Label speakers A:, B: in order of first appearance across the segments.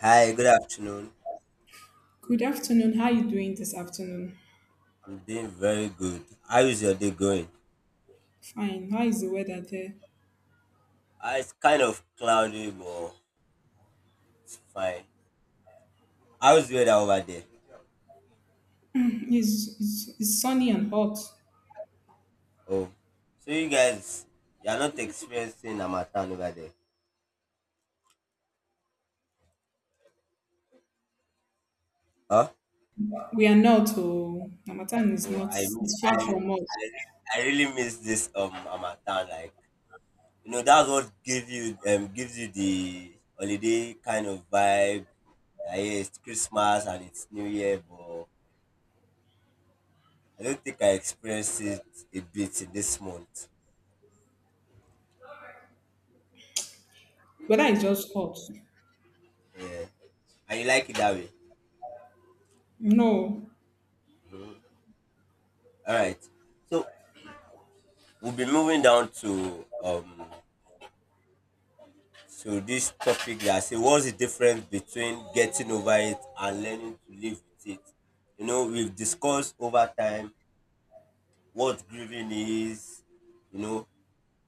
A: Hi, good afternoon.
B: Good afternoon. How are you doing this afternoon?
A: I'm doing very good. How is your day going?
B: Fine. How is the weather there?
A: Ah, it's kind of cloudy, but it's fine. How's the weather over there?
B: It's sunny and hot.
A: Oh, so you guys, you're not experiencing Harmattan over there? Huh?
B: We are not, oh, Namatan is
A: Oh,
B: not,
A: I, mi-
B: it's far from us.
A: I, re- I really miss this Harmattan. Like, that's what gives you the holiday kind of vibe. That yeah, it's Christmas and it's New Year, but I don't think I experienced it a bit in this month.
B: Weather is just hot.
A: And you like it that way.
B: No.
A: All right. So we'll be moving down to this topic that I say what's the difference between getting over it and learning to live with it. You know, we've discussed over time what grieving is, you know,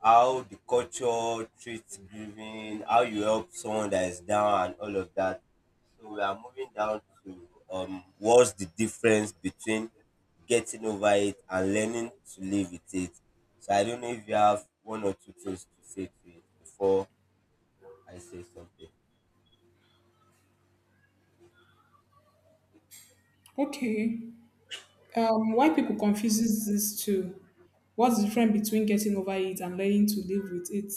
A: how the culture treats grieving, how you help someone that is down, and all of that. So we are moving down to what's the difference between getting over it and learning to live with it. So I don't know if you have one or two things to say to it before I say something.
B: Okay. Why people confuses this too? What's the difference between getting over it and learning to live with it?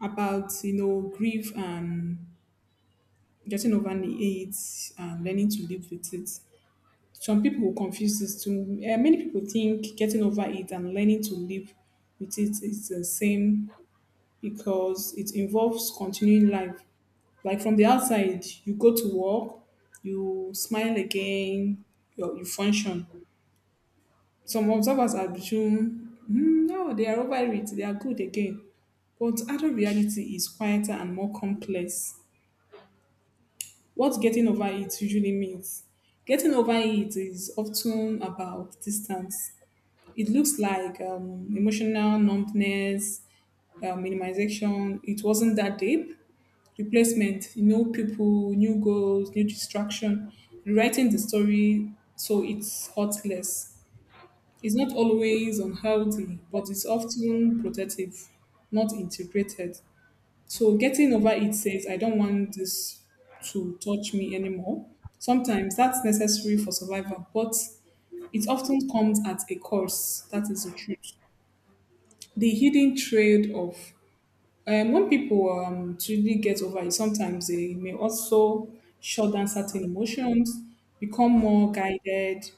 B: About, you know, grief and getting over it and learning to live with it. Some people will confuse this too. Many people think getting over it and learning to live with it is the same because it involves continuing life. Like from the outside, you go to work, you smile again, you function. Some observers assume, "Hmm, no, they are over it, they are good again. But adult reality is quieter and more complex. What getting over it usually means. Getting over it is often about distance. It looks like emotional numbness, minimization. It wasn't that deep. Replacement, new people, new goals, new distraction. Rewriting the story so it's hurts less. It's not always unhealthy, but it's often protective, not integrated. So getting over it says, I don't want this to touch me anymore. Sometimes that's necessary for survival, but it often comes at a cost. That is the truth, the hidden trade of when people truly get over it, sometimes they may also shut down certain emotions, become more guided,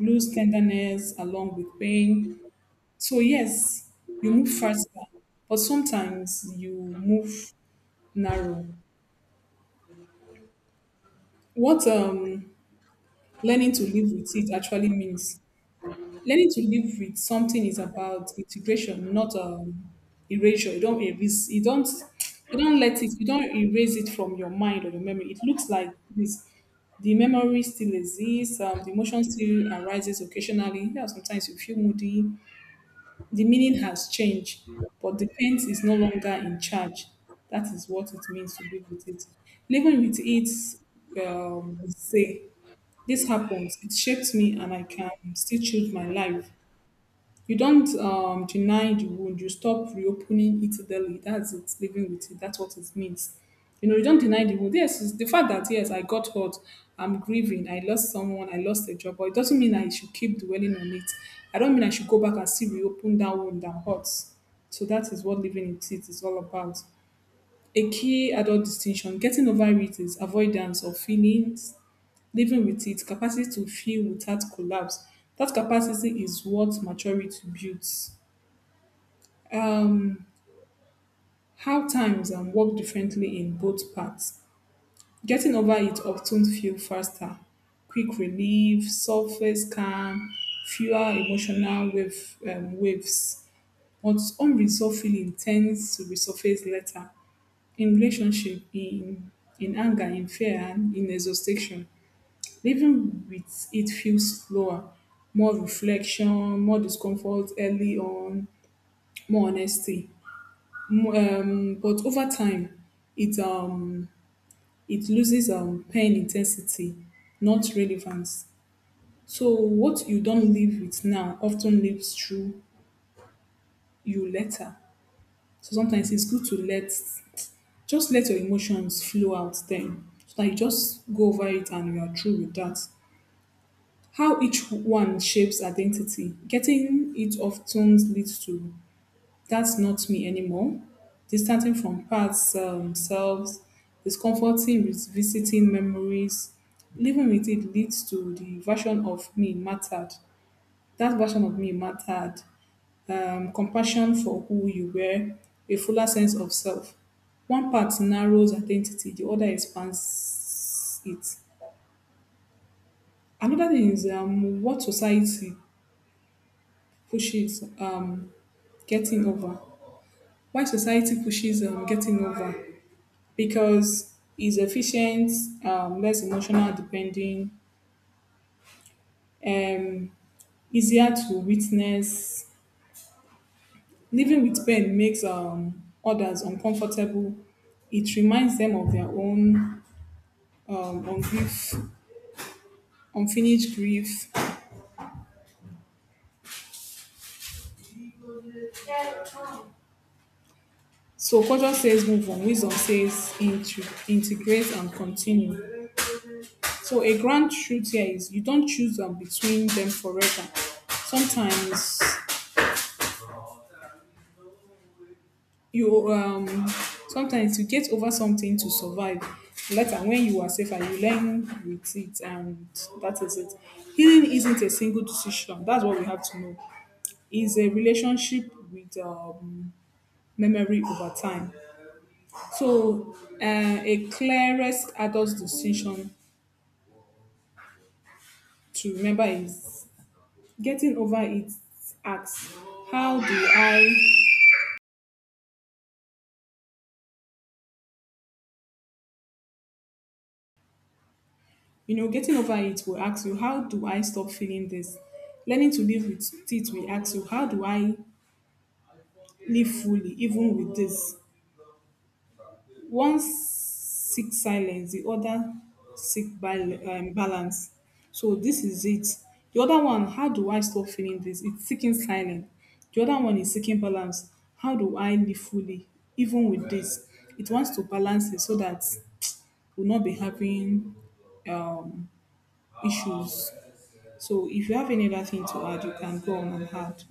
B: lose tenderness along with pain. So, yes, you move faster, but sometimes you move narrow. What learning to live with it actually means. Learning to live with something is about integration, not erasure. You don't erase. You don't. You don't let it. You don't erase it from your mind or your memory. It looks like this. The memory still exists. The emotion still arises occasionally. Yeah, sometimes you feel moody. The meaning has changed, but the pain is no longer in charge. That is what it means to live with it. Living with it, say, this happens. It shapes me, and I can still choose my life. You don't deny the wound. You stop reopening it daily. That's it. Living with it. That's what it means. You know, you don't deny the wound. Yes, it's the fact that yes, I got hurt. I'm grieving. I lost someone. I lost a job. But it doesn't mean I should keep dwelling on it. I don't mean I should go back and see reopen that wound that hurts. So that is what living with it is all about. A key adult distinction: getting over it is avoidance of feelings. Living with it, capacity to feel without collapse. That capacity is what maturity builds. Um, how times and work differently in both parts. Getting over it often feel faster. Quick relief, surface calm, fewer emotional wave, waves. But unresolved feeling tends to resurface later in relationship, in anger, in fear, and in exhaustion. Living with it feels slower, more reflection, more discomfort early on, more honesty. But over time, it um, it loses pain intensity, not relevance. So what you don't live with now often lives through you later. So sometimes it's good to let just let your emotions flow out then. So that you just go over it and you are through with that. How each one shapes identity. Getting it often leads to that's not me anymore, distancing from past selves, discomforting revisiting memories, living with it leads to the version of me mattered. That version of me mattered. Compassion for who you were, a fuller sense of self. One part narrows identity, the other expands it. Another thing is what society pushes getting over. Why society pushes getting over because it's efficient, less emotional depending, um, easier to witness. Living with pain makes others uncomfortable. It reminds them of their own um, ungief, unfinished grief. So culture says move on, wisdom says integrate and continue. So a grand truth here is you don't choose between them forever. Sometimes you um sometimes you get over something to survive later. When you are safer you learn with it, and that is it. Healing isn't a single decision, that's what we have to know. Is a relationship with memory over time. So a clearest adult decision to remember is getting over its acts. How do I You know, getting over it will ask you, how do I stop feeling this? Learning to live with it will ask you, how do I live fully, even with this? One seeks silence, the other seeks balance. So this is it. The other one, how do I stop feeling this? It's seeking silence. The other one is seeking balance. How do I live fully, even with this? It wants to balance it so that we'll not be having um, issues. So if you have any other thing to add, you can go on and add.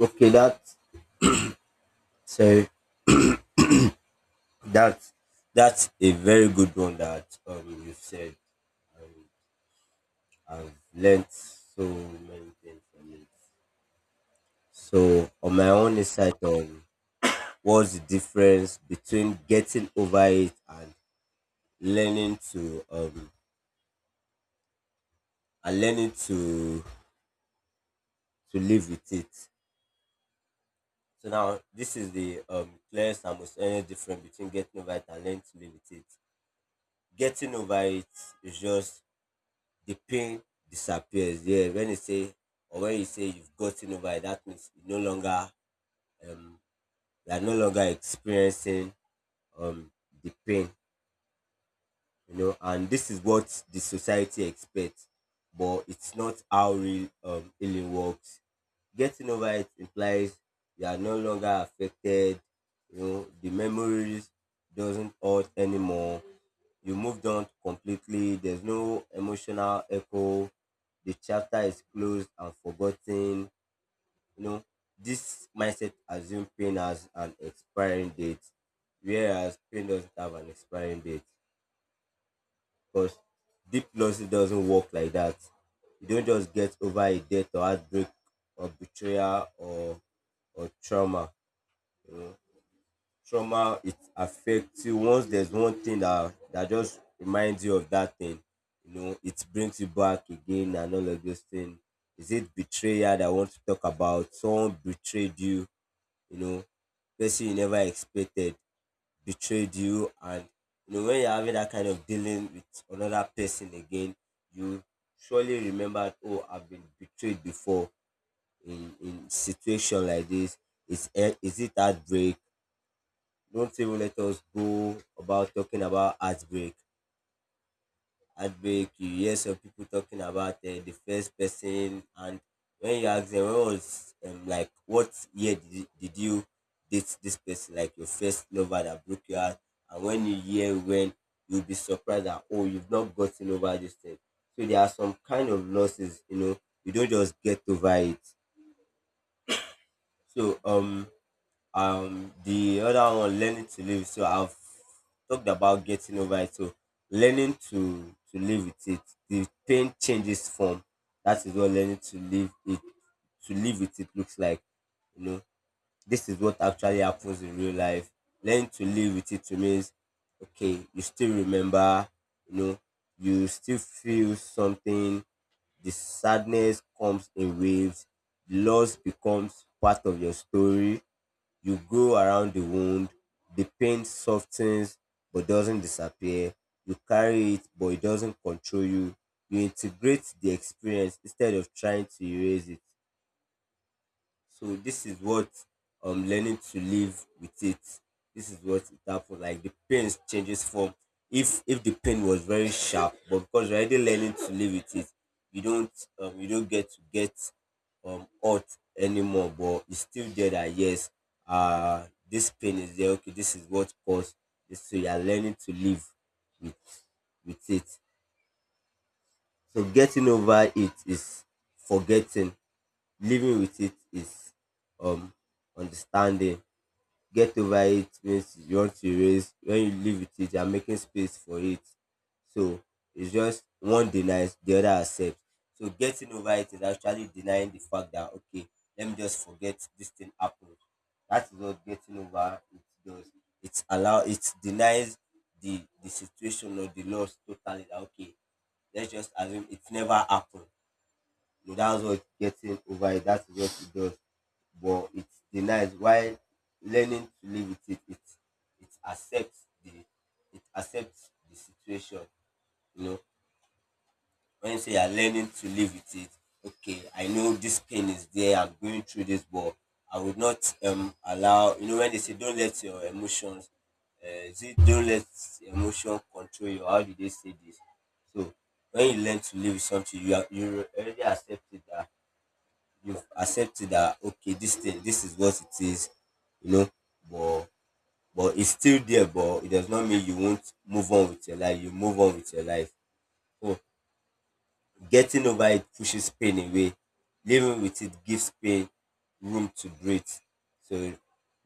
A: Okay, so that that's a very good one that you said. Um, I've learnt so many things from it. So on my own insight on what's the difference between getting over it and learning to um learning to live with it. So now this is the clearest and most any difference between getting over it and learning to live with it. Getting over it is just the pain disappears. Yeah, when you say or when you say you've gotten over it, that means you no longer um you are no longer experiencing um the pain, you know, and this is what the society expects, but it's not how real healing works. Getting over it implies you are no longer affected, you know, the memories doesn't hurt anymore, you moved on completely, there's no emotional echo, the chapter is closed and forgotten. You know, this mindset assumes pain has an expiring date, whereas pain doesn't have an expiring date. Because deep losses doesn't work like that. You don't just get over a death or heartbreak or betrayal or trauma. You know, trauma it affects you once there's one thing that just reminds you of that thing. You know, it brings you back again and all of those things. Is it betrayal that I want to talk about? Someone betrayed you, you know, person you never expected betrayed you, and you know when you're having that kind of dealing with another person again, you surely remember, oh, I've been betrayed before in situation like this. Is eh, is it heartbreak? Don't even let us go about talking about heartbreak. Heartbreak, you hear some people talking about the first person, and when you ask them, when was like what year did you date this person, like your first lover that broke your heart, and when you hear when, you'll be surprised that, oh, you've not gotten over this thing. So there are some kind of losses, you know, you don't just get over it. So the other one, learning to live, so I've talked about getting over it. So learning to live with it, the pain changes form. That is what learning to live it to live with it looks like. You know, this is what actually happens in real life. Learning to live with it means, okay, you still remember, you know, you still feel something, the sadness comes in waves, the loss becomes part of your story, you go around the wound, the pain softens but doesn't disappear. You carry it but it doesn't control you. You integrate the experience instead of trying to erase it. So this is what learning to live with it. This is what it happened. Like the pain changes form. If the pain was very sharp, but because you're already learning to live with it, you don't get to get hurt anymore. But it's still there that yes, uh, this pain is there. Okay, this is what caused this. So you are learning to live with it. So getting over it is forgetting, living with it is um understanding. Get over it means you want to erase, when you live with it you are making space for it. So it's just, one denies, the other accepts. So getting over it is actually denying the fact that, okay, let me just forget this thing happened. That is what getting over it does. It allow, it denies the situation or the loss totally, that okay, let's just assume it never happened. That's what getting over it. That's what it does. But it denies, while learning to live with it, it accepts the, it accepts the situation. You know, when you say you're learning to live with it, okay, I know this pain is there. I'm going through this, but I would not allow. You know, when they say don't let your emotions, is it don't let emotion control you. How do they say this? So when you learn to live with something, you are, you already accepted that, you've accepted that, okay, this thing, this is what it is, you know, but but it's still there, but it does not mean you won't move on with your life. You move on with your life. So getting over it pushes pain away, living with it gives pain room to breathe. So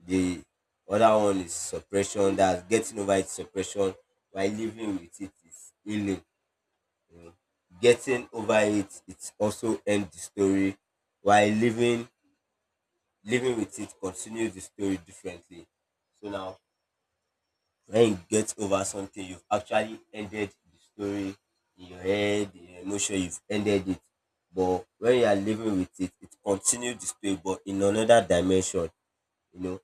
A: the other one is suppression, that's getting over it, suppression, while living with it is healing. So, getting over it it's also end the story, while living with it continues the story differently. So now, when you get over something, you've actually ended the story in your head, in your emotion, you've ended it. But when you are living with it, it continues the story, but in another dimension. You know,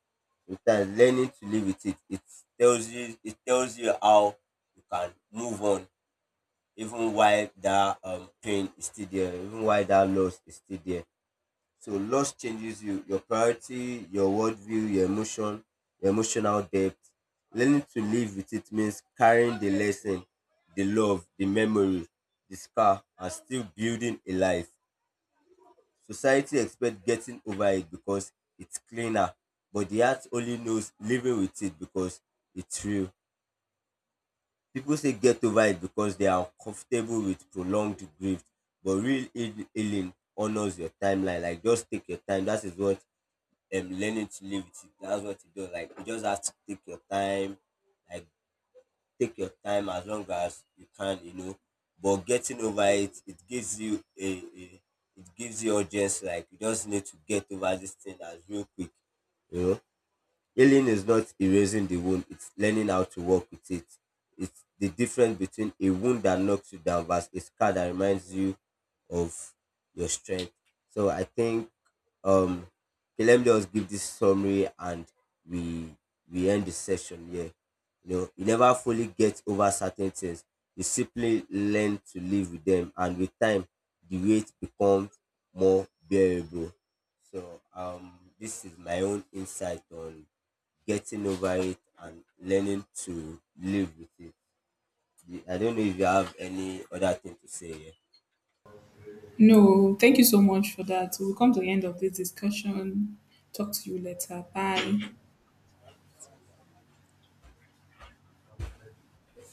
A: sometimes learning to live with it, it tells you how you can move on, even while that pain is still there, even while that loss is still there. So loss changes you, your priority, your worldview, your emotion, your emotional depth. Learning to live with it means carrying the lesson, the love, the memory, the scar, and still building a life. Society expects getting over it because it's cleaner, but the heart only knows living with it because it's real. People say get over it because they are comfortable with prolonged grief, but real healing honors your timeline. Like just take your time. That is what learning to live with it. That's what you do. Like you just have to take your time, like take your time as long as you can, you know. But getting over it, it gives you a it gives you urgency. Like you just need to get over this thing as real quick, you know. Healing is not erasing the wound, it's learning how to work with it. It's the difference between a wound that knocks you down versus a scar that reminds you of your strength. So I think um okay, let me just give this summary and we we end the session here. You know, you never fully get over certain things. You simply learn to live with them, and with time the weight becomes more bearable. So this is my own insight on getting over it and learning to live with it. I don't know if you have any other thing to say. Yeah.
B: No, thank you so much for that. We'll come to the end of this discussion. Talk to you later. Bye.